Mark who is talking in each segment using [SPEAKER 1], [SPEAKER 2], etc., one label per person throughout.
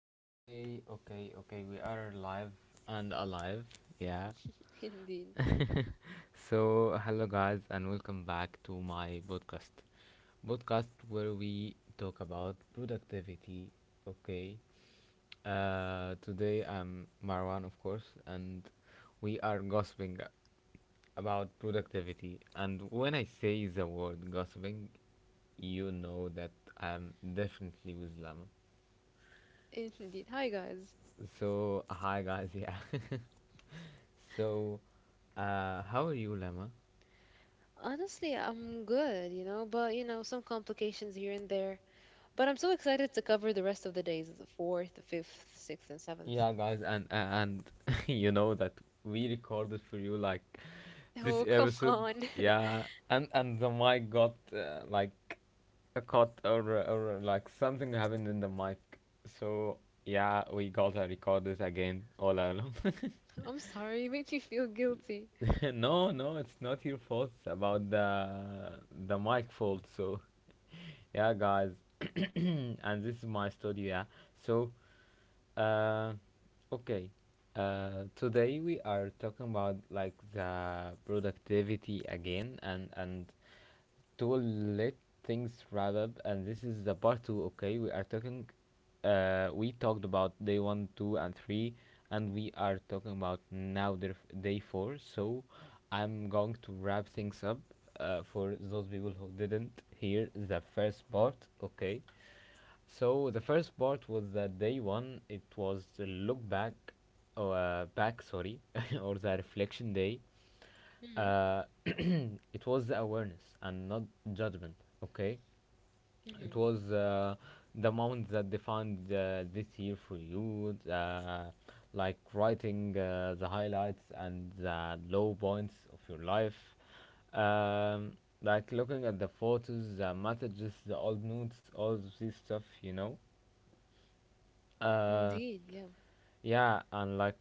[SPEAKER 1] Okay, okay, okay. We are live and alive. Yeah.
[SPEAKER 2] Indeed.
[SPEAKER 1] Hello guys, and welcome back to my podcast. Podcast where we talk about productivity. Okay. Today I'm Marwan, of course, and we are gossiping about productivity. And when I say the word gossiping, you know that I'm definitely with Lama.
[SPEAKER 2] Hi, guys.
[SPEAKER 1] So, hi guys, yeah. So, how are you, Lemma?
[SPEAKER 2] Honestly, I'm good, but, some complications here and there. But I'm so excited to cover the rest of the days the fourth, the fifth, sixth, and seventh.
[SPEAKER 1] Yeah, guys, and you know that we recorded for you like this
[SPEAKER 2] Oh, come
[SPEAKER 1] episode.
[SPEAKER 2] on.
[SPEAKER 1] Yeah, and the mic got like a cut or like something happened in the mic. So yeah, we gotta record this again all alone.
[SPEAKER 2] I'm sorry. It makes me feel guilty.
[SPEAKER 1] No, no, it's not your fault. It's about the mic fault. So yeah, guys, and this is my studio. Yeah, so Uh, okay. Today we are talking about like the productivity again and to let things wrap up, and this is the part two. Okay, we are talking we talked about day one, two and three, and we are talking about now day four. So I'm going to wrap things up for those people who didn't hear the first part. Okay, so the first part was that day one. It was the look back, back sorry, or the reflection day.
[SPEAKER 2] Hmm
[SPEAKER 1] It was the awareness and not judgment. Okay, it
[SPEAKER 2] hmm
[SPEAKER 1] was the moment that defined this year for you, like writing the highlights and the low points of your life. Um, like looking at the photos, the messages, the old notes, all of this stuff, you know. Uh,
[SPEAKER 2] Indeed, yeah.
[SPEAKER 1] yeah, and like,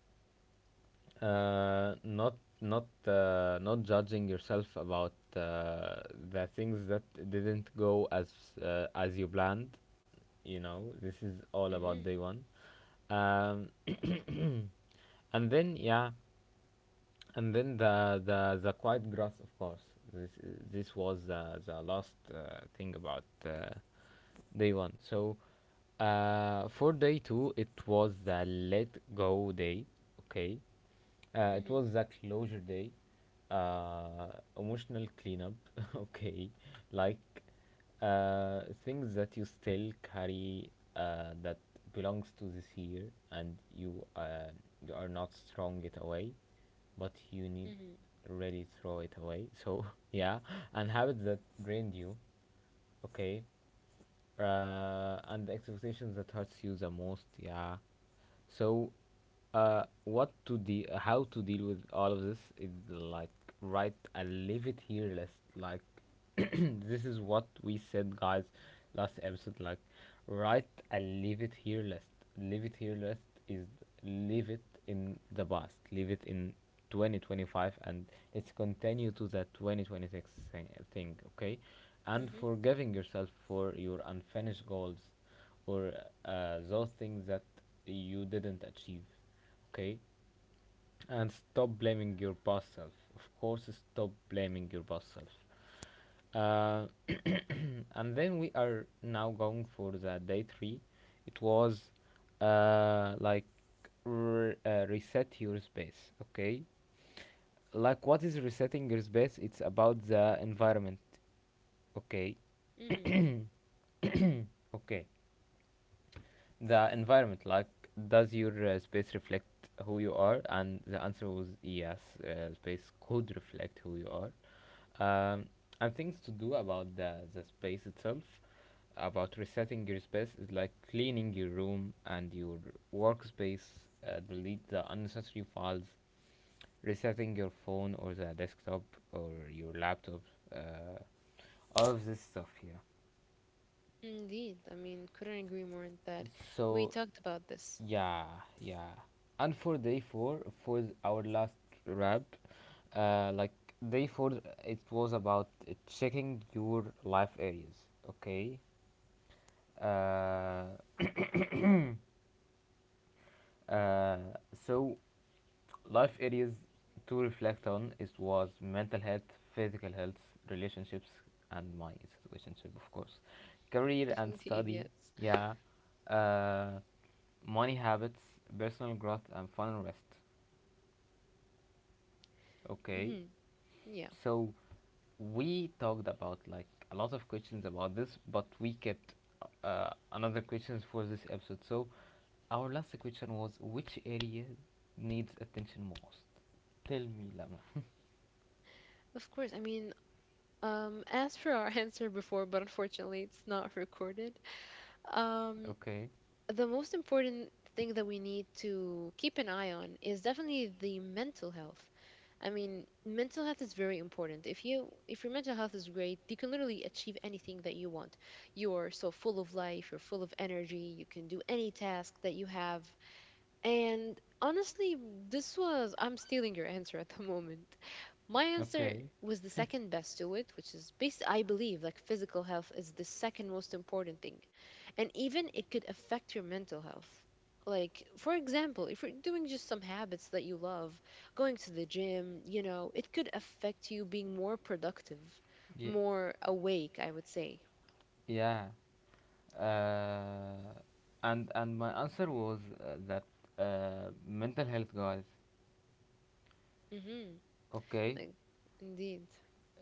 [SPEAKER 1] not judging yourself about the things that didn't go as you planned. You know, this is all about
[SPEAKER 2] hmm
[SPEAKER 1] day one. Um, and then yeah, and then the quiet grass, of course. This was the last thing about day one. So for day two, it was the let go day. Okay, it
[SPEAKER 2] hmm
[SPEAKER 1] was the closure day, uh, emotional cleanup. Okay, like things that you still carry, that belongs to this year and you you are not throwing it away but you need
[SPEAKER 2] hmm
[SPEAKER 1] really throw it away. So yeah, and habits that drained you. Okay, and the expectations that hurts you the most. Yeah, so how to deal with all of this is like write a leave it here list. Like this is what we said, guys, last episode. Like write a leave it here list. Leave it here list is leave it in the past, leave it in 2025, and let's continue to the 2026 thing. Okay, and
[SPEAKER 2] hmm
[SPEAKER 1] forgiving yourself for your unfinished goals, or those things that you didn't achieve. Okay, and stop blaming your past self. Of course, stop blaming your past self. Uh, and then we are now going for the day three. It was uh, like reset your space. Okay, like what is resetting your space? It's about the environment. Okay,
[SPEAKER 2] hmm
[SPEAKER 1] okay. The environment, like does your space reflect who you are? And the answer was yes, space could reflect who you are. um, and things to do about the space itself, about resetting your space, is like cleaning your room and your workspace, delete the unnecessary files, resetting your phone or the desktop or your laptop, uh, all of this stuff here.
[SPEAKER 2] Indeed. I mean, couldn't agree more on that. We
[SPEAKER 1] So,
[SPEAKER 2] talked about this.
[SPEAKER 1] yeah, yeah. And for day four, for our last wrap, like day four, it was about checking your life areas. Okay, uh, Uh, so, life areas to reflect on is was mental health, physical health, relationships, and my situationship, of course, career and
[SPEAKER 2] Indeed,
[SPEAKER 1] study.
[SPEAKER 2] yes.
[SPEAKER 1] Yeah, uh, money habits, personal growth, and fun rest. Okay.
[SPEAKER 2] hmm Yeah.
[SPEAKER 1] So we talked about like a lot of questions about this, but we kept another questions for this episode. So our last question was, which area needs attention most? Tell me, Lama.
[SPEAKER 2] Of course. I mean, as for our answer before, but unfortunately it's not recorded. Um,
[SPEAKER 1] Okay.
[SPEAKER 2] the most important thing that we need to keep an eye on is definitely the mental health. I mean, mental health is very important. If your mental health is great, you can literally achieve anything that you want. You are so full of life, you're full of energy, you can do any task that you have. And honestly, this was, I'm stealing your answer at the moment. My answer
[SPEAKER 1] Okay.
[SPEAKER 2] was the second best to it, which is based, I believe, like physical health is the second most important thing. And even it could affect your mental health. Like, for example, if you're doing just some habits that you love, going to the gym, you know, it could affect you being more productive,
[SPEAKER 1] Yeah.
[SPEAKER 2] more awake, I would say.
[SPEAKER 1] Yeah. Uh, and my answer was that mental health, guys.
[SPEAKER 2] Hmm
[SPEAKER 1] Okay.
[SPEAKER 2] Like, indeed.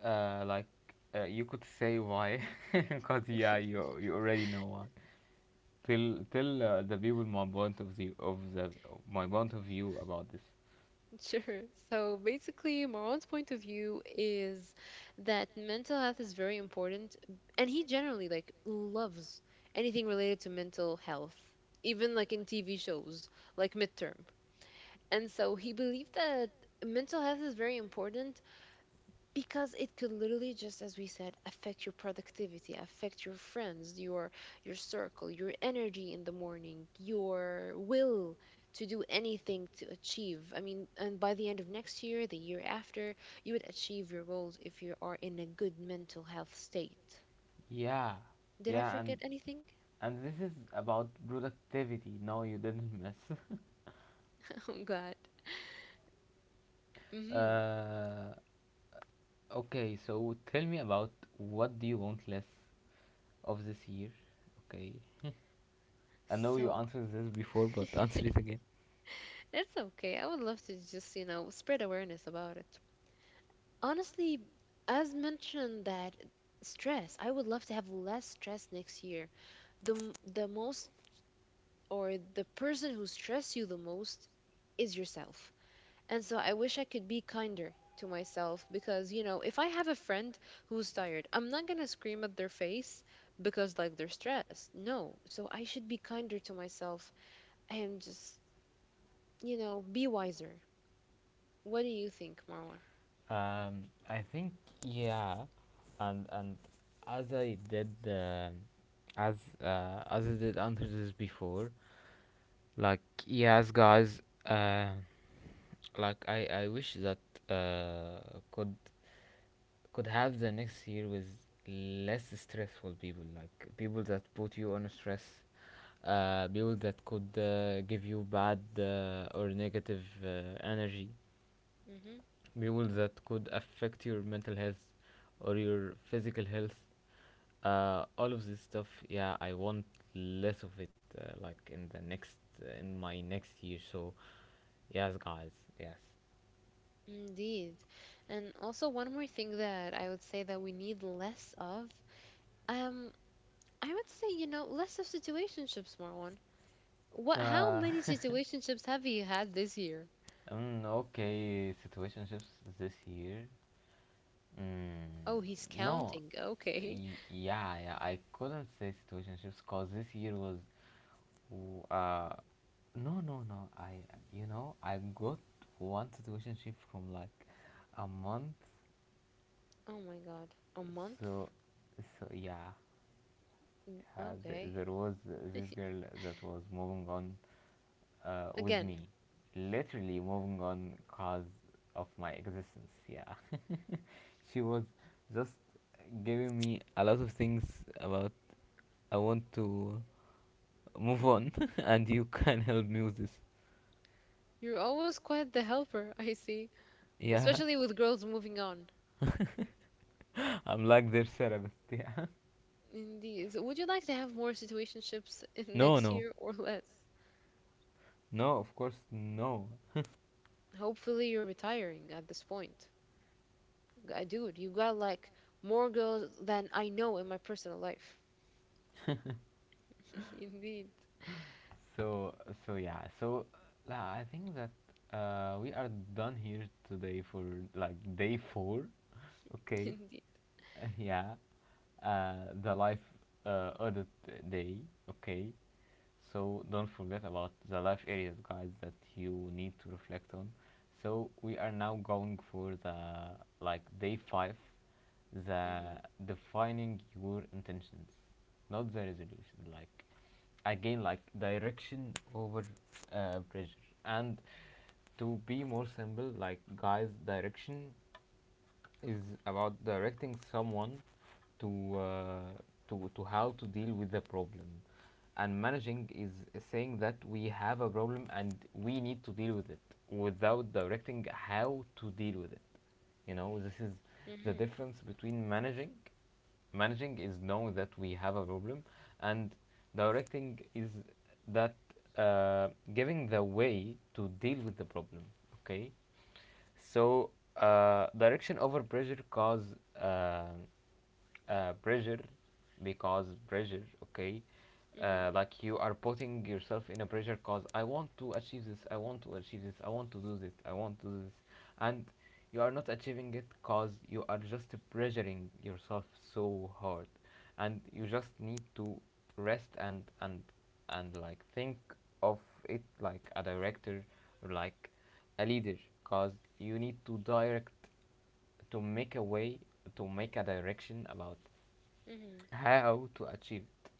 [SPEAKER 1] Uh, like you could say why, because yeah, you already know why. Tell the people my point of view of the my point of view about this.
[SPEAKER 2] Sure. So basically, Marwan's point of view is that mental health is very important, and he generally like loves anything related to mental health, even like in TV shows like Midterm. And so he believed that mental health is very important because it could literally, just as we said, affect your productivity, affect your friends, your circle, your energy in the morning, your will to do anything to achieve. I mean, and by the end of next year, the year after, you would achieve your goals if you are in a good mental health state.
[SPEAKER 1] Yeah,
[SPEAKER 2] Did I
[SPEAKER 1] yeah,
[SPEAKER 2] forget
[SPEAKER 1] and
[SPEAKER 2] anything?
[SPEAKER 1] and this is about productivity. No, you didn't miss.
[SPEAKER 2] Oh god. Mm-hmm.
[SPEAKER 1] uh, okay, so tell me about, what do you want less of this year? Okay, I know you
[SPEAKER 2] So
[SPEAKER 1] answered this before, but answer it again.
[SPEAKER 2] that's okay, I would love to just, you know, spread awareness about it. Honestly, as mentioned, that stress, I would love to have less stress next year. The most or the person who stress you the most is yourself. And so I wish I could be kinder to myself because, you know, if I have a friend who's tired, I'm not going to scream at their face because like they're stressed. No. So I should be kinder to myself and just, you know, be wiser. What do you think, Marwan?
[SPEAKER 1] I think yeah, and as I did, uh, as I did answer this before. Like yes, guys. I wish that uh, could could have the next year with less stressful people, like people that put you on stress, people that could give you bad or negative energy.
[SPEAKER 2] Mhm.
[SPEAKER 1] Mules that could affect your mental health or your physical health. All of this stuff, yeah, I want less of it, uh, like in the next, in my next year. So, yes, guys, yes.
[SPEAKER 2] Indeed. And also one more thing that I would say that we need less of. Um, I would say, you know, less of situationships, Marwan. What, how
[SPEAKER 1] Uh,
[SPEAKER 2] many situationships have you had this year?
[SPEAKER 1] okay, situationships this year. Mm,
[SPEAKER 2] Oh, he's
[SPEAKER 1] no,
[SPEAKER 2] counting. Okay.
[SPEAKER 1] yeah, yeah, I couldn't say situationships because this year was, w- uh, no, no, no. I, you know, I got one situationship from like a month,
[SPEAKER 2] Oh my god. A month?
[SPEAKER 1] so, so yeah.
[SPEAKER 2] Mm,
[SPEAKER 1] Yeah,
[SPEAKER 2] okay.
[SPEAKER 1] there was this girl that was moving on with
[SPEAKER 2] Again,
[SPEAKER 1] me, literally moving on cause of my existence. Yeah, she was just giving me a lot of things about, I want to move on, and you can help me with this.
[SPEAKER 2] you're always quite the helper, I see.
[SPEAKER 1] Yeah,
[SPEAKER 2] Especially with girls moving on.
[SPEAKER 1] I'm like their therapist. Yeah,
[SPEAKER 2] Indeed. So would you like to have more situationships in
[SPEAKER 1] no,
[SPEAKER 2] next
[SPEAKER 1] no,
[SPEAKER 2] year or less?
[SPEAKER 1] no. Of course, no.
[SPEAKER 2] Hopefully you're retiring at this point. I dude, you got like more girls than I know in my personal life. Indeed,
[SPEAKER 1] So so yeah. So la I think that we are done here today for like day four. Okay.
[SPEAKER 2] indeed.
[SPEAKER 1] Yeah, uh, the life audit day. Okay, so don't forget about the life areas, guys, that you need to reflect on. So we are now going for the like day five, the
[SPEAKER 2] Mhm,
[SPEAKER 1] defining your intentions, not the resolution. Like again, like direction over pressure. And to be more simple, like guys, direction is about directing someone to uh, to how to deal with the problem, and managing is saying that we have a problem and we need to deal with it without directing how to deal with it. You know, this is the
[SPEAKER 2] mhm,
[SPEAKER 1] difference between managing. Managing is knowing that we have a problem, and directing is that giving the way to deal with the problem. Okay, so direction over pressure cause um pressure because pressure. Okay,
[SPEAKER 2] mhm,
[SPEAKER 1] like you are putting yourself in a pressure cause. I want to achieve this. I want to achieve this. I want to do this. I want to do this, and you are not achieving it cause you are just pressuring yourself so hard, and you just need to rest and like think of it like a director or like a leader, because you need to direct to make a way, to make a direction about
[SPEAKER 2] mhm.
[SPEAKER 1] how to achieve it,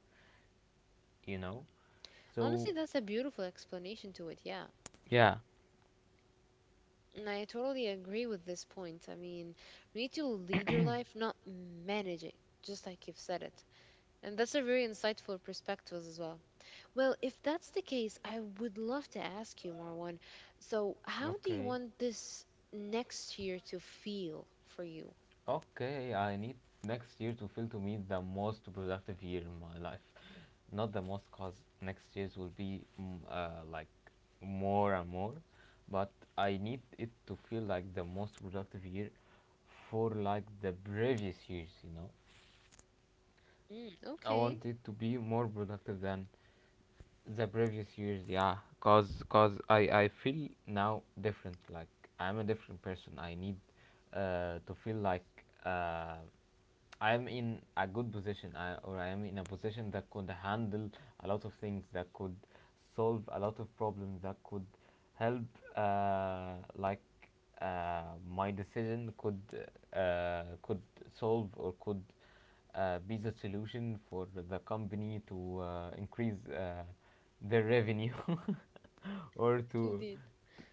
[SPEAKER 1] you know. So
[SPEAKER 2] Honestly, that's a beautiful explanation to it. Yeah,
[SPEAKER 1] yeah,
[SPEAKER 2] and I totally agree with this point. I mean, you need to lead your life, not manage it. Just like you've said it. And that's a very insightful perspective as well. Well, if that's the case, I would love to ask you, Marwan. So, how do you
[SPEAKER 1] okay.
[SPEAKER 2] want this next year to feel for you?
[SPEAKER 1] Okay, I need next year to feel to me the most productive year in my life. Not the most cause next year's will be like more and more, but I need it to feel like the most productive year for like the previous years, you know.
[SPEAKER 2] Mm,
[SPEAKER 1] I
[SPEAKER 2] okay.
[SPEAKER 1] wanted to be more productive than the previous years. Yeah, cause I feel now different. Like I'm a different person. I need to feel like uh I'm in a good position. I, or I'm in a position that could handle a lot of things. That could solve a lot of problems. That could help uh like my decision could uh could solve or could be the solution for the company to increase their revenue or to
[SPEAKER 2] Indeed.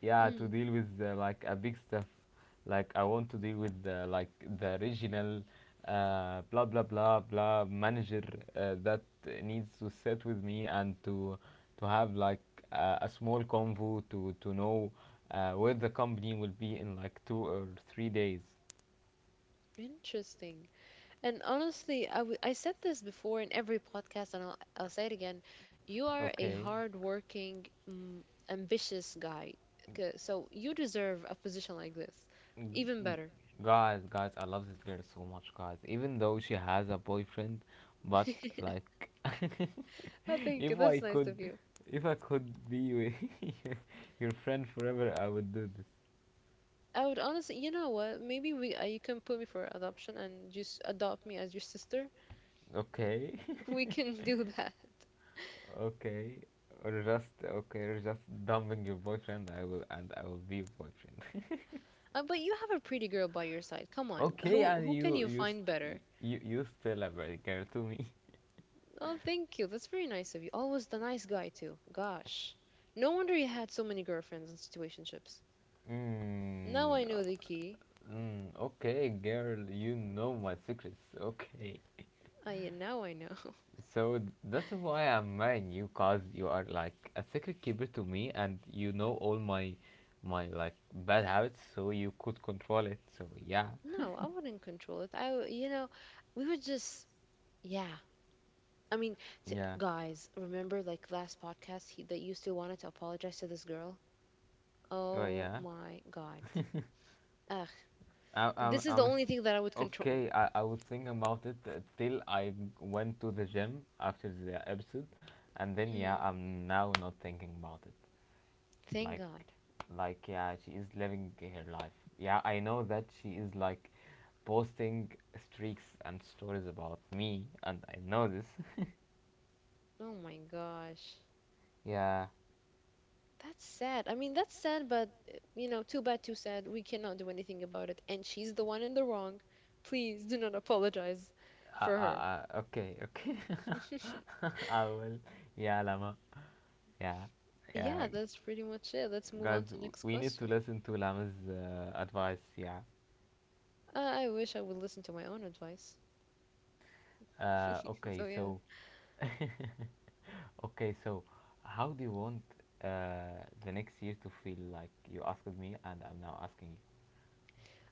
[SPEAKER 1] yeah to
[SPEAKER 2] Mm,
[SPEAKER 1] deal with like a big stuff. Like I want to deal with like the regional blah blah blah blah manager that needs to sit with me and to have like a small convo to know where the company will be in like two or three days.
[SPEAKER 2] interesting. And honestly, I said this before in every podcast, and I'll say it again. You are a
[SPEAKER 1] Okay.
[SPEAKER 2] hardworking, mm, ambitious guy. So you deserve a position like this.
[SPEAKER 1] G-
[SPEAKER 2] Even better.
[SPEAKER 1] Guys, guys, I love this girl so much, guys. Even though she has a boyfriend, but like,
[SPEAKER 2] I think
[SPEAKER 1] if I
[SPEAKER 2] that's nice
[SPEAKER 1] could,
[SPEAKER 2] of you.
[SPEAKER 1] if I could be with your, your friend forever, I would do this.
[SPEAKER 2] I would honestly, you know what? Maybe we you can put me for adoption and just adopt me as your sister.
[SPEAKER 1] Okay,
[SPEAKER 2] We can do that.
[SPEAKER 1] okay, or just dumping your boyfriend. I will, and I will be your boyfriend.
[SPEAKER 2] But you have a pretty girl by your side. Come on,
[SPEAKER 1] Okay, and
[SPEAKER 2] who can you find better?
[SPEAKER 1] you still a bad girl to me.
[SPEAKER 2] Oh, thank you. That's very nice of you. Always the nice guy, too. Gosh. No wonder you had so many girlfriends and situationships. Now I
[SPEAKER 1] Mm,
[SPEAKER 2] know the key.
[SPEAKER 1] Okay, girl, you know my secrets. Okay.
[SPEAKER 2] Yeah, now I know.
[SPEAKER 1] So that's why I'm marrying you, cause you are like a secret keeper to me, and you know all my like bad habits, so you could control it. So yeah,
[SPEAKER 2] No, I wouldn't control it. I, w- you know, We would just, yeah. I mean,
[SPEAKER 1] yeah.
[SPEAKER 2] guys, remember like last podcast he, that you still wanted to apologize to this girl?
[SPEAKER 1] Oh
[SPEAKER 2] Oh
[SPEAKER 1] yeah.
[SPEAKER 2] my God. Ugh,
[SPEAKER 1] I, I'm,
[SPEAKER 2] this is the
[SPEAKER 1] I'm,
[SPEAKER 2] only thing that I would control.
[SPEAKER 1] okay. I was thinking about it till I went to the gym after the episode, and then yeah,
[SPEAKER 2] Mm,
[SPEAKER 1] I'm now not thinking about it.
[SPEAKER 2] thank
[SPEAKER 1] like
[SPEAKER 2] God.
[SPEAKER 1] yeah, she is living her life. Yeah, I know that she is like posting streaks and stories about me, and I know this.
[SPEAKER 2] Oh my gosh.
[SPEAKER 1] Yeah.
[SPEAKER 2] That's sad. I mean, that's sad, but you know, too bad, too sad. We cannot do anything about it. And she's the one in the wrong. Please do not apologize for her.
[SPEAKER 1] Okay, okay. I will. Yeah, Lama. Yeah. Yeah.
[SPEAKER 2] Yeah, that's pretty much it. Let's move
[SPEAKER 1] Guys,
[SPEAKER 2] on to next
[SPEAKER 1] we need to
[SPEAKER 2] question.
[SPEAKER 1] listen to Lama's advice. Yeah.
[SPEAKER 2] I wish I would listen to my own advice.
[SPEAKER 1] Okay,
[SPEAKER 2] So yeah.
[SPEAKER 1] so. Okay, so how do you want the next year to feel? Like you asked me, and I'm now asking you.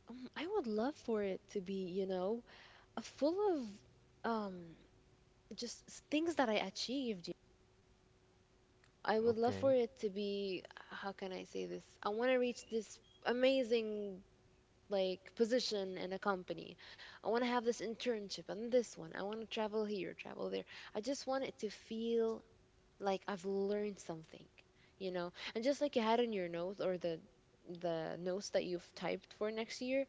[SPEAKER 2] I would love for it to be, you know, a full of just things that I achieved. You know? I would love for
[SPEAKER 1] Okay.
[SPEAKER 2] it to be, how can I say this? I want to reach this amazing like position in a company. I want to have this internship and this one. I want to travel here, travel there. I just want it to feel like I've learned something, you know. And just like you had in your notes or the notes that you've typed for next year,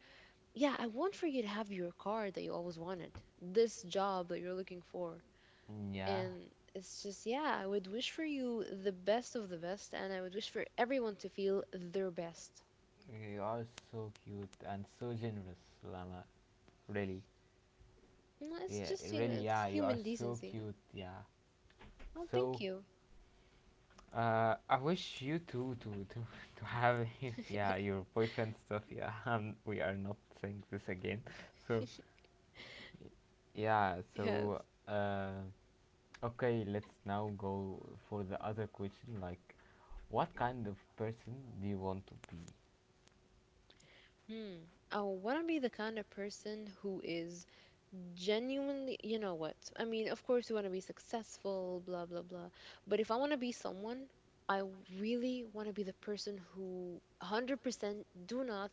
[SPEAKER 2] yeah, I want for you to have your car that you always wanted, this job that you're looking for.
[SPEAKER 1] Yeah.
[SPEAKER 2] And it's just, yeah, I would wish for you the best of the best, and I would wish for everyone to feel their best.
[SPEAKER 1] You are so cute and so generous, Lama. Really.
[SPEAKER 2] And it's
[SPEAKER 1] Yeah,
[SPEAKER 2] just, you know,
[SPEAKER 1] really,
[SPEAKER 2] it's
[SPEAKER 1] yeah, you are
[SPEAKER 2] human
[SPEAKER 1] so
[SPEAKER 2] decency.
[SPEAKER 1] cute, yeah.
[SPEAKER 2] Oh, thank
[SPEAKER 1] So,
[SPEAKER 2] you.
[SPEAKER 1] I wish you too to to have yeah, your boyfriend stuff, yeah. We are not saying this again. So, yeah,
[SPEAKER 2] Yes.
[SPEAKER 1] so uh okay, let's now go for the other question, like, what kind of person do you want to be?
[SPEAKER 2] Hmm. I want to be the kind of person who is genuinely, you know what? I mean, of course, you want to be successful, blah, blah, blah. But if I want to be someone, I really want to be the person who 100% do not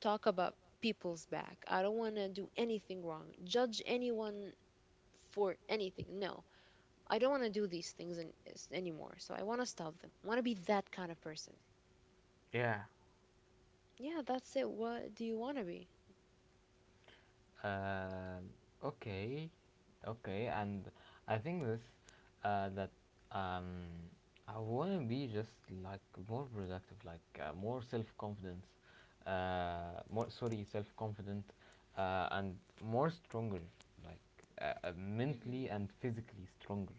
[SPEAKER 2] talk about people's back. I don't want to do anything wrong, judge anyone for anything. No, I don't want to do these things in, anymore. So I want to stop them. Want to be that kind of person.
[SPEAKER 1] Yeah.
[SPEAKER 2] Yeah, that's it. What do you want to be?
[SPEAKER 1] Um, okay, okay, and I think this, that um, I want to be just like more productive, like more self confidence, more, sorry, self confident, and more stronger, like,
[SPEAKER 2] Mm-hmm.
[SPEAKER 1] mentally and physically stronger.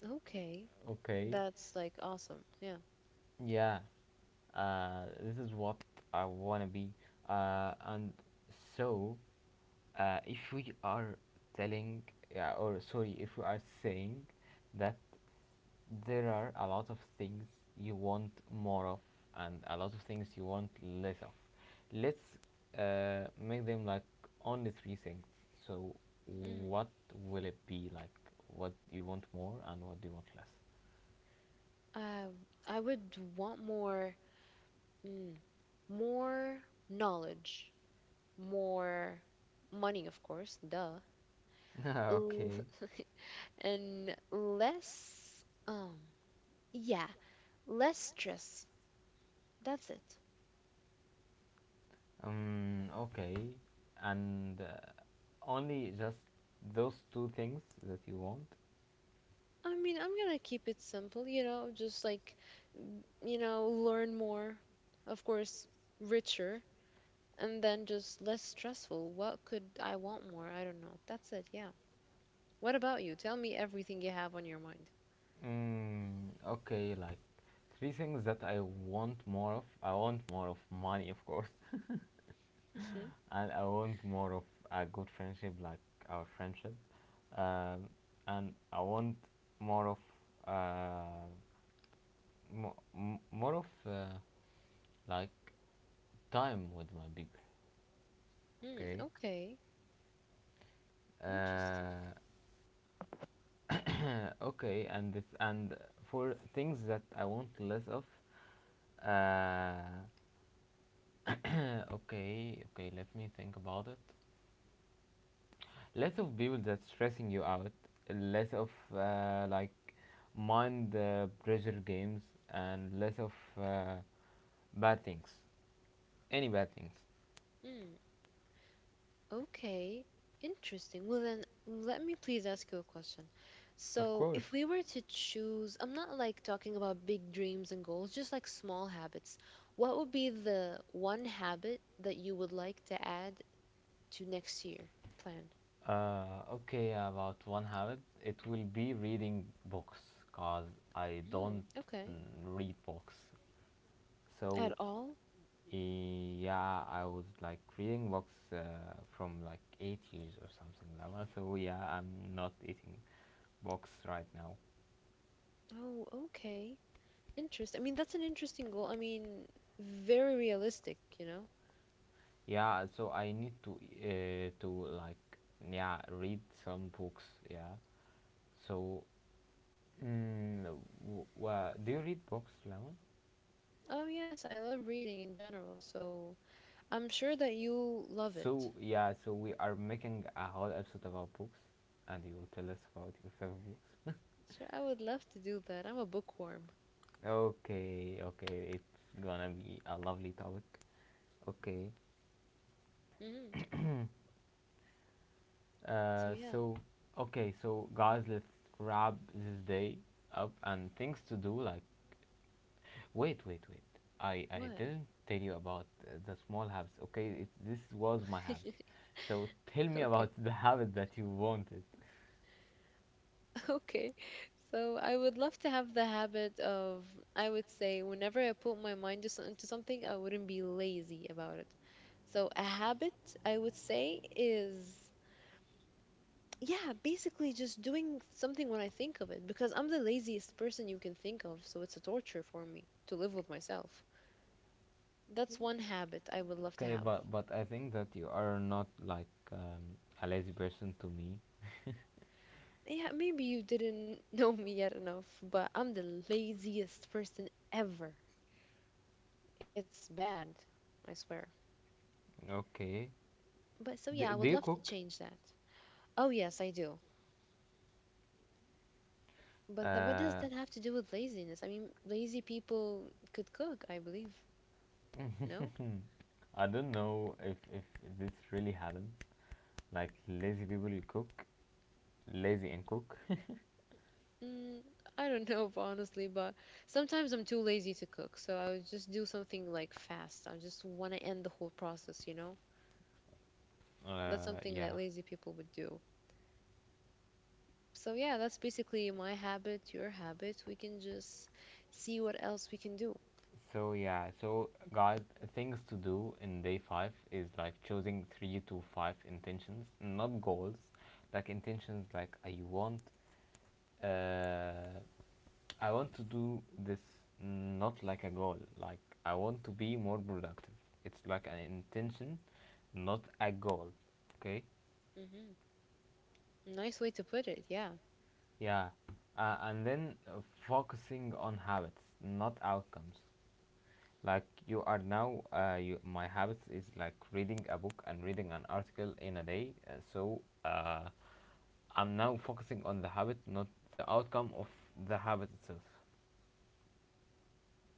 [SPEAKER 2] Okay.
[SPEAKER 1] Okay.
[SPEAKER 2] That's like awesome. Yeah.
[SPEAKER 1] Yeah, this is what I wanna be. And so, if we are telling, yeah, or sorry, if we are saying that there are a lot of things you want more of and a lot of things you want less of, let's make them like only three things. So,
[SPEAKER 2] Mm.
[SPEAKER 1] what will it be like? What do you want more and what do you want less?
[SPEAKER 2] Um, I would want more, mm, more knowledge, more money, of course, duh, L-
[SPEAKER 1] Okay.
[SPEAKER 2] and less, yeah, less stress. That's it.
[SPEAKER 1] Okay. And only just those two things that you want?
[SPEAKER 2] I mean, I'm gonna keep it simple, you know, just like, mm, you know, learn more, of course, richer, and then just less stressful. What could I want more? I don't know. That's it. Yeah. What about you? Tell me everything you have on your mind.
[SPEAKER 1] Mm, okay, like three things that I want more of. I want more of money, of course.
[SPEAKER 2] Hmm.
[SPEAKER 1] And I want more of a good friendship, like our friendship. Um, and I want more of uh, more of like time with my people.
[SPEAKER 2] Hmm.
[SPEAKER 1] Okay.
[SPEAKER 2] Okay. Interesting.
[SPEAKER 1] Uh, okay, and this, and for things that I want less of, uh, okay, okay, let me think about it. Less of people that's stressing you out, less of like mind pressure games, and less of uh, bad things, any bad things.
[SPEAKER 2] Hmm. Okay. Interesting. Well, then let me please ask you a question.
[SPEAKER 1] Of
[SPEAKER 2] So,
[SPEAKER 1] course.
[SPEAKER 2] if we were to choose, I'm not like talking about big dreams and goals, just like small habits. What would be the one habit that you would like to add to next year plan?
[SPEAKER 1] Okay, about one habit, it will be reading books, cause I
[SPEAKER 2] Hmm.
[SPEAKER 1] don't
[SPEAKER 2] Okay.
[SPEAKER 1] read books,
[SPEAKER 2] At
[SPEAKER 1] so.
[SPEAKER 2] all?
[SPEAKER 1] Yeah, I was like reading books from like 8 years or something like that. So yeah, I'm not eating books right now.
[SPEAKER 2] Oh, okay. Interest. I mean, that's an interesting goal. I mean, very realistic, you know?
[SPEAKER 1] Yeah, so I need to like yeah read some books. Yeah, so mm, do you read books, Lemon?
[SPEAKER 2] Oh, yes, I love reading in general, so I'm sure that you'll love it.
[SPEAKER 1] So yeah, so we are making a whole episode about books, and you will tell us about your favorite books.
[SPEAKER 2] Sure, I would love to do that. I'm a bookworm.
[SPEAKER 1] Okay, okay, it's gonna be a lovely topic. Okay,
[SPEAKER 2] Hmm So,
[SPEAKER 1] uh,
[SPEAKER 2] yeah,
[SPEAKER 1] so okay, so guys, let's wrap this day up and things to do. Like, wait, wait, wait. I
[SPEAKER 2] what?
[SPEAKER 1] didn't tell you about the small habits. Okay, this was my habits. So tell me
[SPEAKER 2] Okay,
[SPEAKER 1] about the habit that you wanted.
[SPEAKER 2] okay. So, I would love to have the habit of, I would say, whenever I put my mind to, to something, I wouldn't be lazy about it. So, a habit, I would say, is, yeah, basically just doing something when I think of it because I'm the laziest person you can think of, so it's a torture for me to live with myself. That's one habit I would love to
[SPEAKER 1] Okay,
[SPEAKER 2] have.
[SPEAKER 1] but I think that you are not like a lazy person to me.
[SPEAKER 2] Yeah, maybe you didn't know me yet enough, but I'm the laziest person ever. It's bad, I swear.
[SPEAKER 1] Okay.
[SPEAKER 2] But so yeah, I
[SPEAKER 1] Do
[SPEAKER 2] would
[SPEAKER 1] you
[SPEAKER 2] love to
[SPEAKER 1] cook?
[SPEAKER 2] change that. Oh, yes, I do. But what does
[SPEAKER 1] Uh,
[SPEAKER 2] that have to do with laziness? I mean, lazy people could cook, I believe. No?
[SPEAKER 1] I don't know if this really happens. Like lazy people cook, lazy and cook.
[SPEAKER 2] Mm, I don't know, honestly, but sometimes I'm too lazy to cook, so I would just do something like fast. I just want to end the whole process, you know? That's something that
[SPEAKER 1] Yeah.
[SPEAKER 2] lazy people would do. So, yeah, that's basically my habit, your habit. We can just see what else we can do.
[SPEAKER 1] So yeah. So guys, things to do in day five is like choosing three to five intentions, not goals. Like intentions, like uh, I want to do this, not like a goal. Like I want to be more productive. It's like an intention, not a goal. Okay.
[SPEAKER 2] Hmm Nice way to put it, yeah.
[SPEAKER 1] Yeah, and then focusing on habits, not outcomes. Like you are now, my habits is like reading a book and reading an article in a day. I'm now focusing on the habit, not the outcome of the habit itself.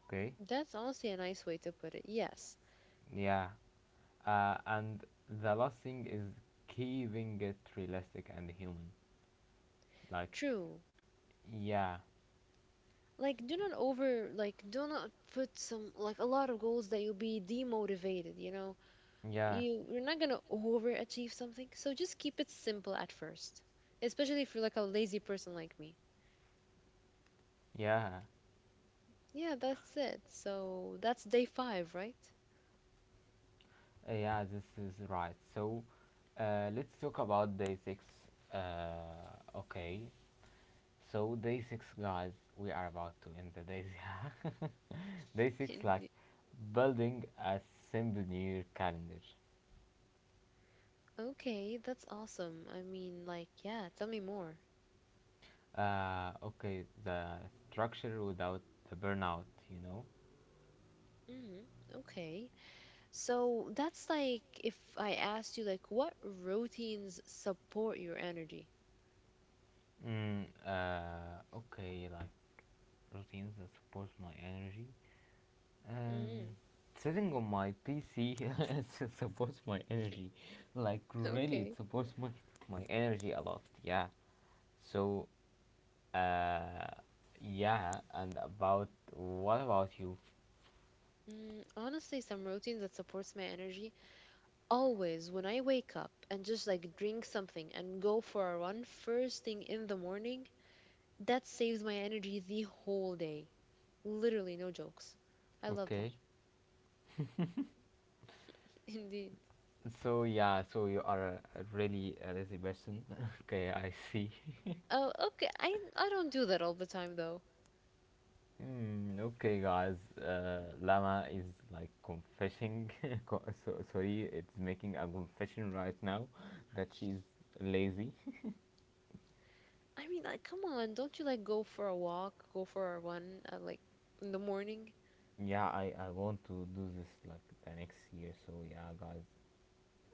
[SPEAKER 1] Okay?
[SPEAKER 2] That's honestly a nice way to put it. Yes,
[SPEAKER 1] Yeah. And the last thing is keeping it realistic and human. Like,
[SPEAKER 2] true.
[SPEAKER 1] yeah,
[SPEAKER 2] Like, do not over, like, do not put some, like, a lot of goals that you'll be demotivated, you know?
[SPEAKER 1] yeah,
[SPEAKER 2] You're not gonna overachieve something, so just keep it simple at first, especially if you're like a lazy person like me.
[SPEAKER 1] yeah.
[SPEAKER 2] Yeah, that's it. So that's day five, right?
[SPEAKER 1] Yeah, this is right. So let's talk about day six. Okay, so day six, guys, we are about to end the days. Yeah, day six, like building a simple new year calendar.
[SPEAKER 2] Okay, that's awesome. I mean, like, yeah, tell me more.
[SPEAKER 1] Okay, the structure without the burnout, you know.
[SPEAKER 2] Hmm, okay. So that's like, if I asked you, like, what routines support your energy?
[SPEAKER 1] Mm, okay, like routines that support my energy. Um,
[SPEAKER 2] Mm.
[SPEAKER 1] Sitting on my PC it supports my energy. Like really, it
[SPEAKER 2] Okay.
[SPEAKER 1] supports my energy a lot. Yeah. So, uh, yeah. And about what about you?
[SPEAKER 2] Mm, honestly, some routines that supports my energy. Always, when I wake up and just like drink something and go for a run first thing in the morning, that saves my energy the whole day. Literally, no jokes. I love that.
[SPEAKER 1] Okay.
[SPEAKER 2] Indeed.
[SPEAKER 1] So yeah. So you are a really a lazy person. Okay, I see.
[SPEAKER 2] Oh, okay. I don't do that all the time though.
[SPEAKER 1] Hmm, okay, guys. Lama is like confessing. Sorry, it's making a confession right now that she's lazy.
[SPEAKER 2] I mean, like, come on, don't you like go for a walk, go for a run, like, in the morning?
[SPEAKER 1] Yeah, I want to do this like the next year. So yeah, guys,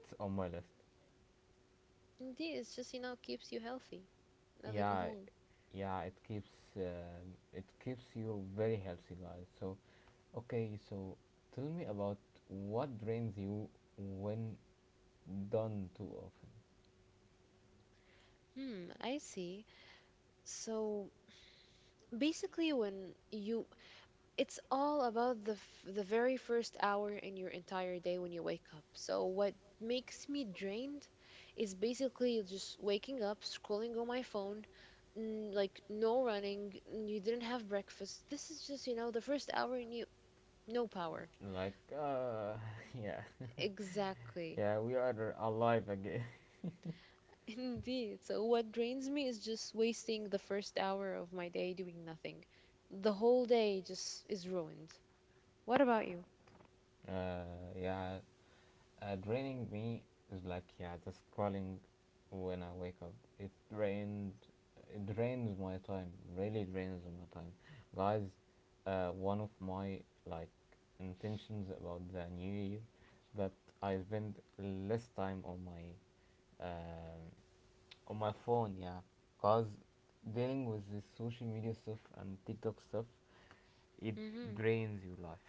[SPEAKER 1] it's on my list.
[SPEAKER 2] Indeed, it's just, you know, keeps you healthy, nothing
[SPEAKER 1] Yeah,
[SPEAKER 2] more.
[SPEAKER 1] yeah, it keeps uh, you very healthy, guys. So, okay, so tell me about what drains you when done too often.
[SPEAKER 2] Hmm, I see. So basically, when you— it's all about the very first hour in your entire day when you wake up. So what makes me drained is basically just waking up, scrolling on my phone, mm, like no running, mm, you didn't have breakfast. This is just, you know, the first hour, and you— no power.
[SPEAKER 1] Like, yeah,
[SPEAKER 2] Exactly.
[SPEAKER 1] yeah, we are alive again.
[SPEAKER 2] Indeed. So what drains me is just wasting the first hour of my day doing nothing. The whole day just is ruined. What
[SPEAKER 1] Uh, yeah. Draining me is like, yeah, just scrolling when I wake up. It drains my time. Really drains my time, guys. One of my like intentions about the new year, that I spend less time on my phone. Yeah, cause dealing with this social media stuff and TikTok stuff, it
[SPEAKER 2] a—
[SPEAKER 1] drains your life.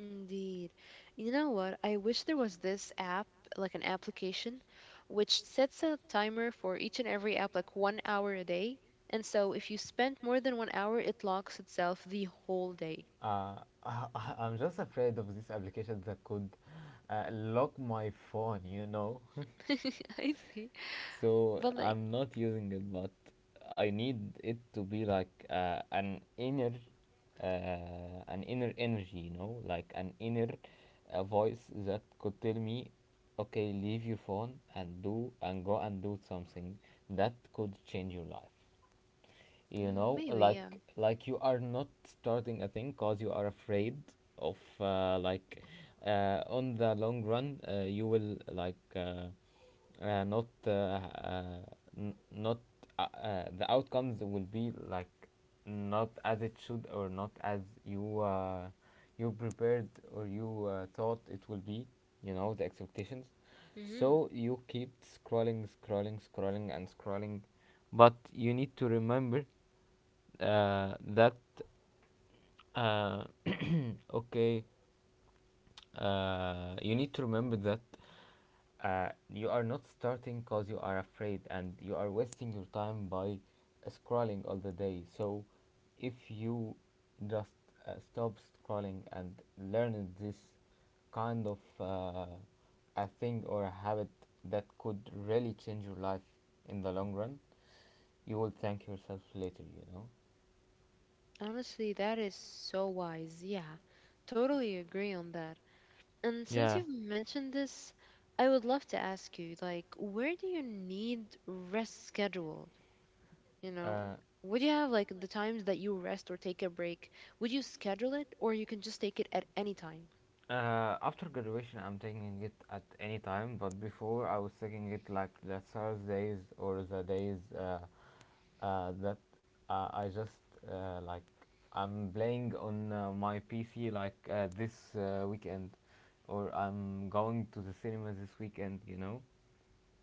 [SPEAKER 2] indeed. You know what? I wish there was this app, like an application, which sets a timer for each and every app, like 1 hour a day. And so if you spend more than 1 hour, it locks itself the whole day.
[SPEAKER 1] Uh, I'm just afraid of these applications that could lock my phone, you know?
[SPEAKER 2] I see.
[SPEAKER 1] So
[SPEAKER 2] But like,
[SPEAKER 1] I'm not using it, but I need it to be like uh, an inner energy, you know, like an inner voice that could tell me, okay, leave your phone and do and go and do something that could change your life. You
[SPEAKER 2] mm,
[SPEAKER 1] know,
[SPEAKER 2] maybe, yeah.
[SPEAKER 1] like you are not starting a thing because you are afraid of on the long run, you will like, uh, not uh, uh, not, the outcomes will be like not as it should or not as you you prepared or you thought it will be, you know, the expectations.
[SPEAKER 2] Hmm.
[SPEAKER 1] So you keep scrolling, scrolling, scrolling, and scrolling. But you need to remember that uh, okay, you need to remember that you are not starting because you are afraid and you are wasting your time by scrolling all the day. So, if you just stop scrolling and learn this kind of a thing or a habit that could really change your life in the long run, you will thank yourself later, you know.
[SPEAKER 2] Honestly, that is so wise. Yeah, totally agree on that. And since
[SPEAKER 1] Yeah.
[SPEAKER 2] you've mentioned this, I would love to ask you, like, where do you need rest scheduled? You know,
[SPEAKER 1] Uh,
[SPEAKER 2] would you have like the times that you rest or take a break? Would you schedule it, or you can just take it at any time?
[SPEAKER 1] uh, after graduation, I'm taking it at any time, but before I was taking it like the Thursdays or the days that I just like I'm playing on my PC like this weekend, or I'm going to the cinema this weekend. You know?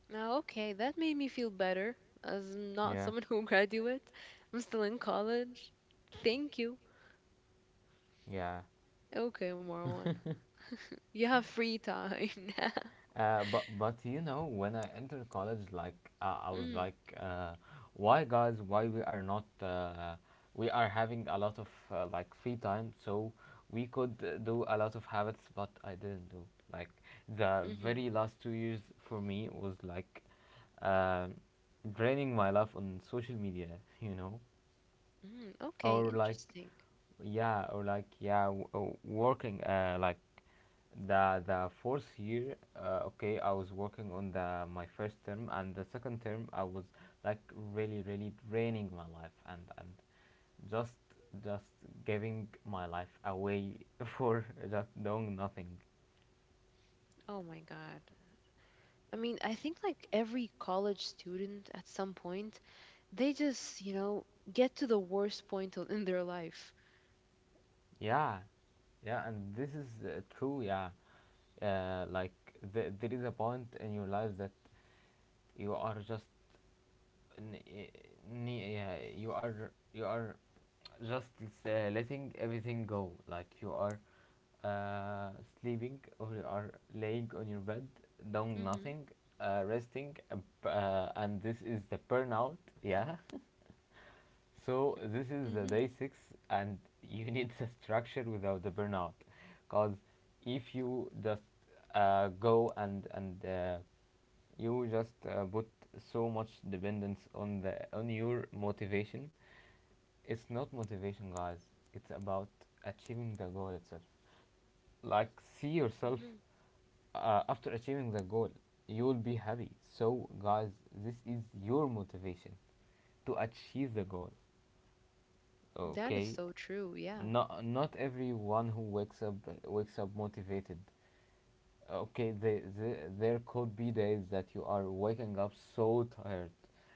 [SPEAKER 2] Now, okay, that made me feel better, as I'm not
[SPEAKER 1] Yeah.
[SPEAKER 2] someone who graduates. I'm still in college. Thank you.
[SPEAKER 1] Yeah.
[SPEAKER 2] Okay, Marwan, you have free time now.
[SPEAKER 1] But you know, when I entered college, like, uh, I was
[SPEAKER 2] Mm.
[SPEAKER 1] like, uh, why guys? Why we are not? We are having a lot of like free time, so we could do a lot of habits, but I didn't do. Like the
[SPEAKER 2] Mm-hmm.
[SPEAKER 1] very last 2 years for me was like um draining my life on social media. You know,
[SPEAKER 2] Mm, okay,
[SPEAKER 1] or like
[SPEAKER 2] interesting.
[SPEAKER 1] yeah or like yeah working like the fourth year, okay, I was working on the my first term, and the second term I was like really really draining my life, and just just giving my life away for just doing nothing.
[SPEAKER 2] Oh my god. I mean, I think like every college student at some point, they just, you know, get to the worst point in their life.
[SPEAKER 1] Yeah, yeah, and this is true. Yeah, like there is a point in your life that you are just, n- i- yeah, you are just, uh, letting everything go, like you are, uh, sleeping, or you are laying on your bed doing
[SPEAKER 2] Hmm.
[SPEAKER 1] nothing, resting, and this is the burnout. Yeah. So this is the
[SPEAKER 2] Hmm.
[SPEAKER 1] day six, and you need the structure without the burnout, because if you just go and you just put so much dependence on the on your motivation. It's not motivation, guys. It's about achieving the goal itself. Like see yourself
[SPEAKER 2] Mhm.
[SPEAKER 1] after achieving the goal, you will be happy. So guys, this is your motivation to achieve the goal.
[SPEAKER 2] That is
[SPEAKER 1] Okay,
[SPEAKER 2] so true. Yeah.
[SPEAKER 1] not everyone who wakes up motivated. Okay, there could be days that you are waking up so tired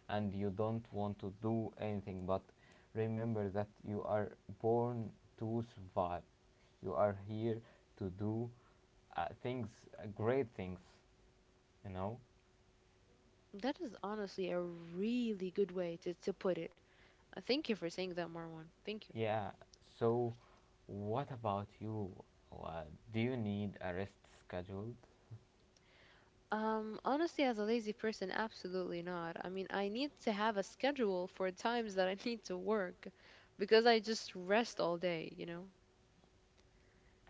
[SPEAKER 1] and you don't want to do anything, but remember that you are born to survive. You are here to do great things, you know?
[SPEAKER 2] That is honestly a really good way to put it. Thank you for saying that, Marwan. Thank you.
[SPEAKER 1] Yeah, so what about you? Uh, do you need a rest scheduled?
[SPEAKER 2] Honestly, as a lazy person, absolutely not. I mean, I need to have a schedule for times that I need to work, because I just rest all day, you know?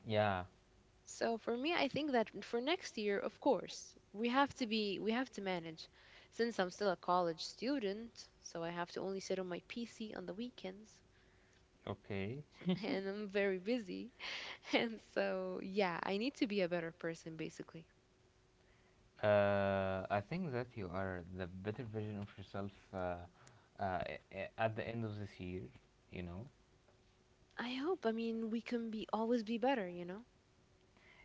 [SPEAKER 1] Yeah.
[SPEAKER 2] So for me, I think that for next year, of course, we have to manage. Since I'm still a college student, so I have to only sit on my PC on the weekends,
[SPEAKER 1] Okay.
[SPEAKER 2] and I'm very busy. And so, yeah, I need to be a better person, basically.
[SPEAKER 1] I think that you are the better version of yourself at the end of this year, you know?
[SPEAKER 2] I hope. I mean, we can be— always be better, you know?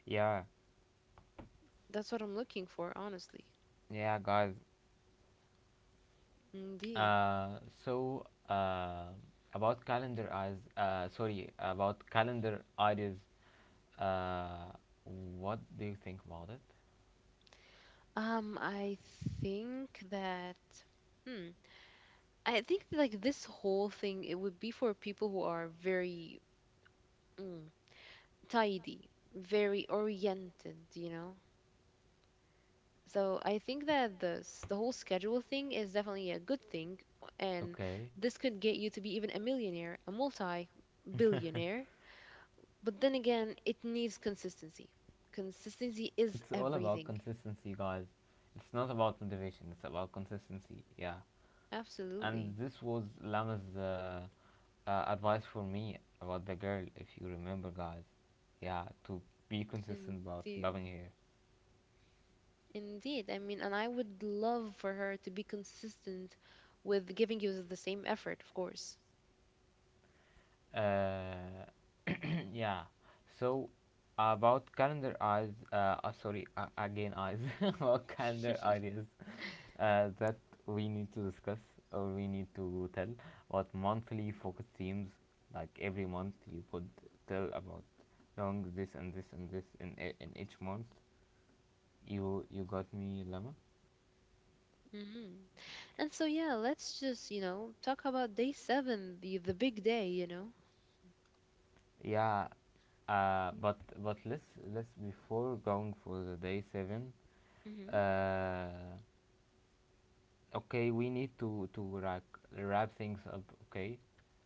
[SPEAKER 1] Yeah,
[SPEAKER 2] That's what I'm looking for, honestly.
[SPEAKER 1] yeah, guys.
[SPEAKER 2] Indeed.
[SPEAKER 1] Uh, so, uh, about calendar ideas, uh, what do you think about it?
[SPEAKER 2] I think that, hmm, I think like this whole thing, it would be for people who are very, mm, tidy, very oriented, you know? So I think that the whole schedule thing is definitely a good thing, and
[SPEAKER 1] Okay.
[SPEAKER 2] this could get you to be even a millionaire, a multi-billionaire. But then again, it needs consistency. Consistency is
[SPEAKER 1] It's all about
[SPEAKER 2] everything.
[SPEAKER 1] consistency, guys. It's not about motivation, it's about consistency. Yeah. And
[SPEAKER 2] Absolutely.
[SPEAKER 1] this was Lama's advice for me about the girl, if you remember, guys. Yeah, to be consistent about
[SPEAKER 2] Indeed.
[SPEAKER 1] loving
[SPEAKER 2] Indeed. I mean, and I would love for her to be consistent with giving you the same effort, of course.
[SPEAKER 1] her. Yeah. So about calendar eyes. Sorry, again eyes. About calendar ideas that we need to discuss or we need to tell about monthly focus themes. Like every month, you could tell about long this and this and this in each month. You got me, Lama.
[SPEAKER 2] Hmm. And so, yeah, let's just, you know, talk about day seven, the big day, you know?
[SPEAKER 1] Yeah, but let's before going for the day seven.
[SPEAKER 2] Mm-hmm.
[SPEAKER 1] Uh, okay, we need to wrap things up. Okay,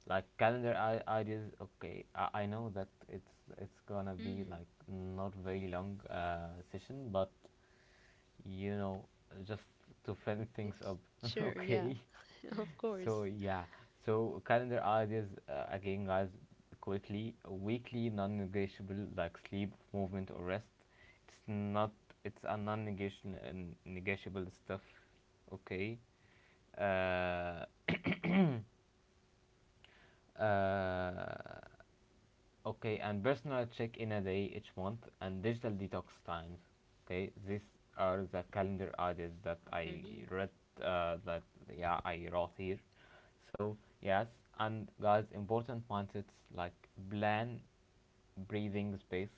[SPEAKER 1] like ideas. Okay, I know that it's gonna be
[SPEAKER 2] Mm-hmm.
[SPEAKER 1] like not very long session, but you know, just to finish things up.
[SPEAKER 2] Sure, yeah,
[SPEAKER 1] Okay.
[SPEAKER 2] of course.
[SPEAKER 1] So yeah. So calendar ideas again, guys. Quickly, weekly non-negotiable like sleep, movement, or rest. It's not. It's a non-negotiable stuff. Okay. Uh. Uh. Okay, and personal check in a day each month and digital detox times. Okay, these are the calendar ideas that I
[SPEAKER 2] Hmm.
[SPEAKER 1] read. That yeah, I wrote here. So yes, and guys, important mindsets like plan, breathing space.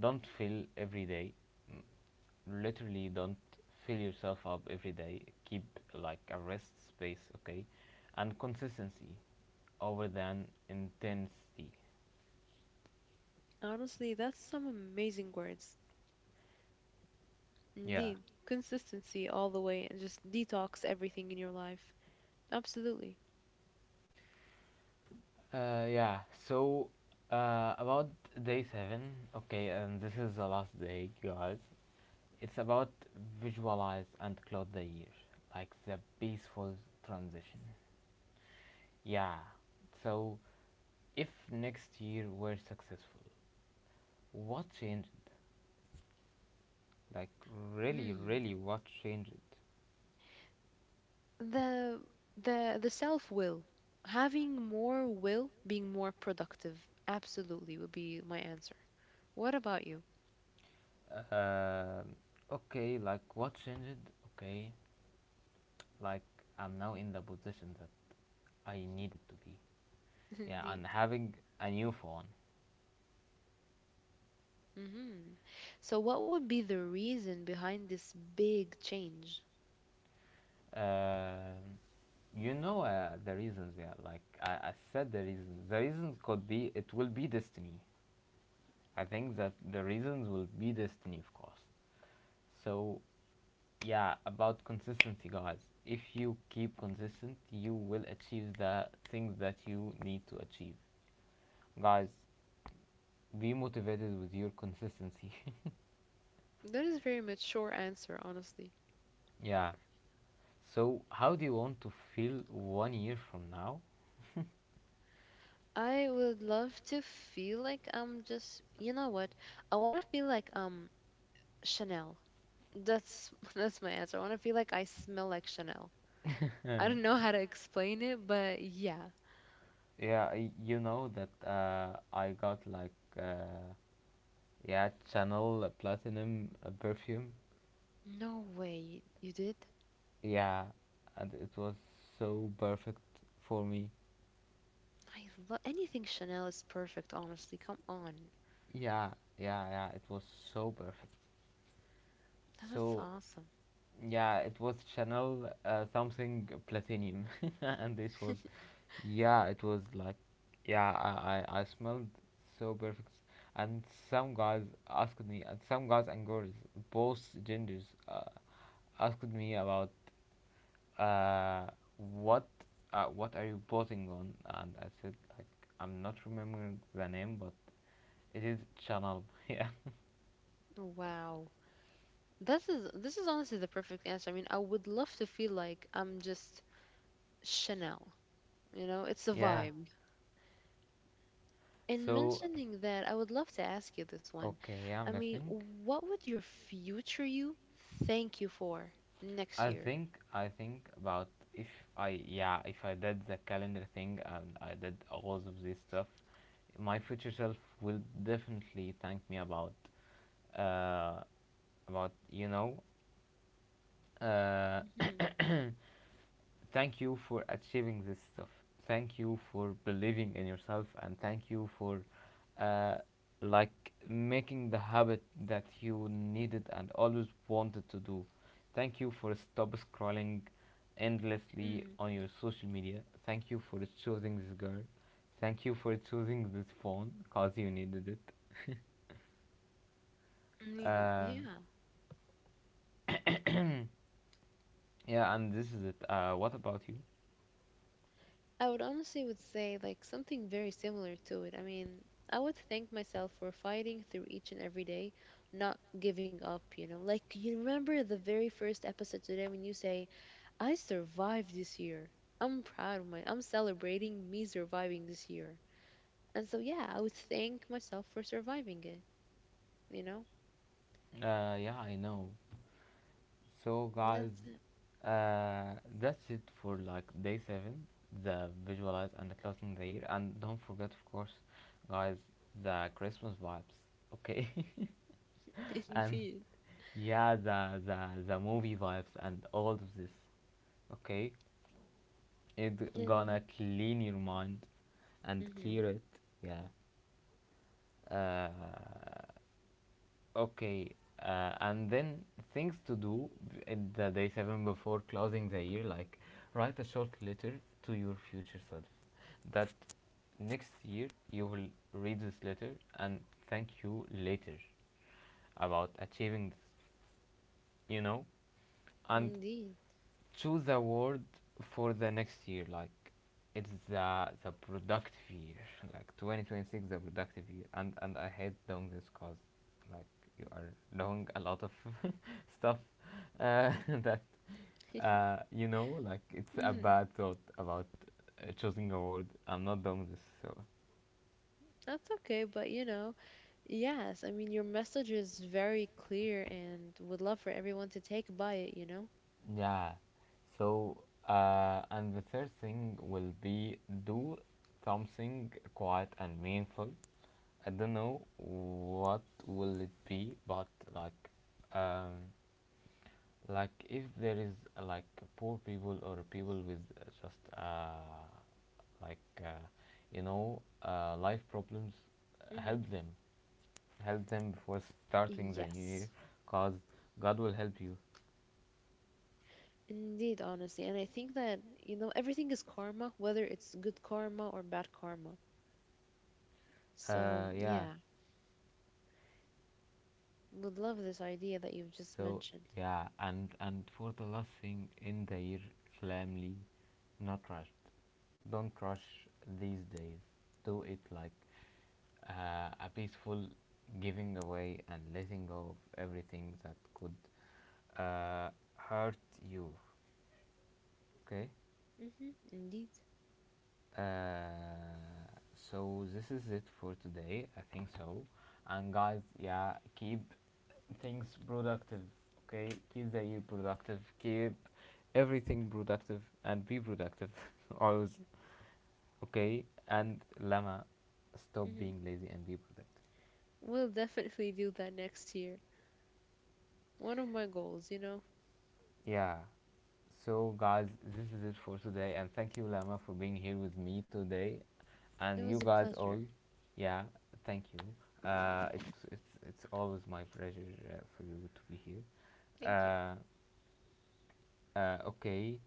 [SPEAKER 1] Don't fill every day. Literally, don't fill yourself up every day. Keep like a rest space, okay, and consistency over than intensity.
[SPEAKER 2] Honestly, that's some amazing words.
[SPEAKER 1] Yeah,
[SPEAKER 2] Indeed. Consistency all the way, and just detox everything in your life. Absolutely.
[SPEAKER 1] yeah. So about day seven, okay, and this is the last day, guys. It's about visualize and close the year, like the peaceful transition. Yeah. So, if next year we're successful, what changed? Like really,
[SPEAKER 2] Mm.
[SPEAKER 1] really, what changed?
[SPEAKER 2] The the self-will. Having more will, being more productive. Absolutely would be my answer. What about you?
[SPEAKER 1] Um, okay, like what changed? Okay, like I'm now in the position that I needed to be. Yeah, and
[SPEAKER 2] Indeed.
[SPEAKER 1] having a new phone.
[SPEAKER 2] Hmm. So what would be the reason behind this big change?
[SPEAKER 1] Um, you know the reasons. Yeah, like I said, the reasons. The reasons could be it will be destiny. I think that the reasons will be destiny, of course. So, yeah, about consistency, guys. If you keep consistent, you will achieve the things that you need to achieve. Guys, be motivated with your consistency.
[SPEAKER 2] That is very much short answer, honestly.
[SPEAKER 1] Yeah. So, how do you want to feel 1 year from now?
[SPEAKER 2] I would love to feel like I'm just, you know what? I want to feel like I'm Chanel. That's that's my answer. I want to feel like I smell like Chanel. I don't know how to explain it, but yeah.
[SPEAKER 1] Yeah, you know that I got like uh, yeah, Chanel Platinum perfume.
[SPEAKER 2] No way. You did?
[SPEAKER 1] Yeah, and it was so perfect for me.
[SPEAKER 2] I love anything— Chanel is perfect, honestly. Come on.
[SPEAKER 1] Yeah, yeah, yeah. It was so perfect.
[SPEAKER 2] Now, that's
[SPEAKER 1] So
[SPEAKER 2] awesome.
[SPEAKER 1] yeah, it was Chanel something platinum, and it was, yeah, it was like, yeah, I smelled so perfect, and some guys asked me, and some guys and girls, both genders, asked me about uh, what what are you posing on, and I said like I'm not remembering the name, but it is Chanel. Yeah,
[SPEAKER 2] Wow. This is honestly the perfect answer. I mean, I would love to feel like I'm just Chanel. You know, it's a
[SPEAKER 1] yeah.
[SPEAKER 2] vibe. In
[SPEAKER 1] So
[SPEAKER 2] mentioning that, I would love to ask you this one.
[SPEAKER 1] okay, yeah,
[SPEAKER 2] I
[SPEAKER 1] I'm
[SPEAKER 2] mean,
[SPEAKER 1] listening.
[SPEAKER 2] what would your future you thank you for next
[SPEAKER 1] I
[SPEAKER 2] year?
[SPEAKER 1] think I think about if I yeah if I did the calendar thing and I did all of this stuff, my future self will definitely thank me about uh about you know uh thank you for achieving this stuff. Thank you for believing in yourself, and thank you for, uh, like making the habit that you needed and always wanted to do. Thank you for stop scrolling endlessly
[SPEAKER 2] Hmm.
[SPEAKER 1] on your social media. Thank you for choosing this girl. Thank you for choosing this phone because you needed it.
[SPEAKER 2] I mean,
[SPEAKER 1] uh,
[SPEAKER 2] yeah.
[SPEAKER 1] yeah, and this is it. What about you?
[SPEAKER 2] I would honestly would say like something very similar to it. I mean, I would thank myself for fighting through each and every day, not giving up, you know. Like you remember the very first episode today when you say, "I survived this year. I'm proud of my— I'm celebrating me surviving this year." And so yeah, I would thank myself for surviving it, you know?
[SPEAKER 1] Yeah, I know. So guys,
[SPEAKER 2] That's
[SPEAKER 1] that's it for like day seven, the visualize and the closing the year, and don't forget, of course, guys, the Christmas vibes, okay?
[SPEAKER 2] it.
[SPEAKER 1] And
[SPEAKER 2] Indeed.
[SPEAKER 1] yeah, the movie vibes and all of this, okay? It gonna
[SPEAKER 2] And
[SPEAKER 1] clean your mind and
[SPEAKER 2] mhm.
[SPEAKER 1] clear it, yeah. Uh, okay, and then things to do at the day seven before closing the year, like write a short letter to your future self. That next year you will read this letter and thank you later about achieving this, you know. And
[SPEAKER 2] Indeed.
[SPEAKER 1] choose a word for the next year. Like it's the productive year, like 2026, the productive year. And I hate doing this cause, like you are doing a lot of stuff that you know, like it's a bad thought about choosing a word. I'm not doing this, so
[SPEAKER 2] That's okay, but you know, yes, I mean, your message is very clear, and would love for everyone to take by it, you know?
[SPEAKER 1] yeah. So, and the third thing will be do something quiet and meaningful. I don't know what will it be, but like, um, like if there is like poor people or people with like, uh, you know, life problems,
[SPEAKER 2] Hmm.
[SPEAKER 1] help them, help them before starting the new year,
[SPEAKER 2] Yes,
[SPEAKER 1] cause God will help you.
[SPEAKER 2] indeed, honestly. And I think that, you know, everything is karma, whether it's good karma or bad karma. So,
[SPEAKER 1] Yeah.
[SPEAKER 2] yeah, would love this idea that you've just
[SPEAKER 1] So
[SPEAKER 2] mentioned.
[SPEAKER 1] yeah, and for the last thing in the year, calmly, not rushed. Don't rush these days. Do it like a peaceful giving away and letting go of everything that could hurt you. Okay.
[SPEAKER 2] Hmm. Indeed.
[SPEAKER 1] Uh, so this is it for today. I think so. And guys, yeah, keep things productive. Okay, keep the year productive. Keep everything productive and be productive always. Okay, and Lama, stop
[SPEAKER 2] Hmm.
[SPEAKER 1] being lazy and be productive.
[SPEAKER 2] We'll definitely do that next year. One of my goals, you know.
[SPEAKER 1] Yeah. So, guys, this is it for today, and thank you, Lama, for being here with me today,
[SPEAKER 2] It
[SPEAKER 1] and you
[SPEAKER 2] was a
[SPEAKER 1] guys all.
[SPEAKER 2] pleasure.
[SPEAKER 1] Yeah, thank you. It's always my pleasure for you to be here.
[SPEAKER 2] Thank
[SPEAKER 1] Uh, okay,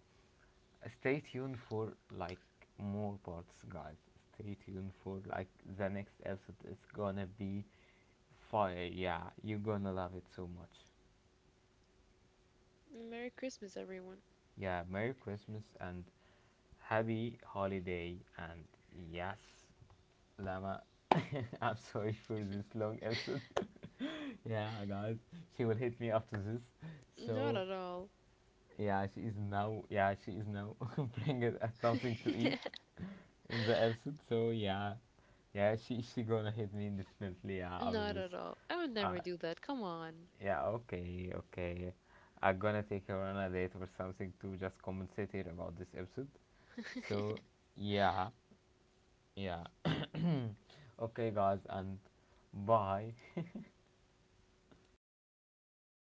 [SPEAKER 1] stay tuned for like more parts, guys. Stay tuned for like the next episode. It's gonna be fire. Yeah, you're gonna love it so much.
[SPEAKER 2] you. Merry Christmas, everyone.
[SPEAKER 1] Yeah, Merry Christmas and Happy holiday and yes, Lama. I'm sorry for this long episode. Yeah, guys, she will hit me after this.
[SPEAKER 2] Not
[SPEAKER 1] So
[SPEAKER 2] at all.
[SPEAKER 1] yeah, she is now. Yeah, she is now bringing us something to eat in the episode. So yeah, yeah, she gonna hit me definitely. Yeah, after
[SPEAKER 2] Not
[SPEAKER 1] this.
[SPEAKER 2] at all. I would
[SPEAKER 1] Uh,
[SPEAKER 2] never do that. Come on.
[SPEAKER 1] yeah, okay, okay. I'm gonna take her on a date or something to just compensate her about this episode. So yeah, yeah. Okay, guys, and bye.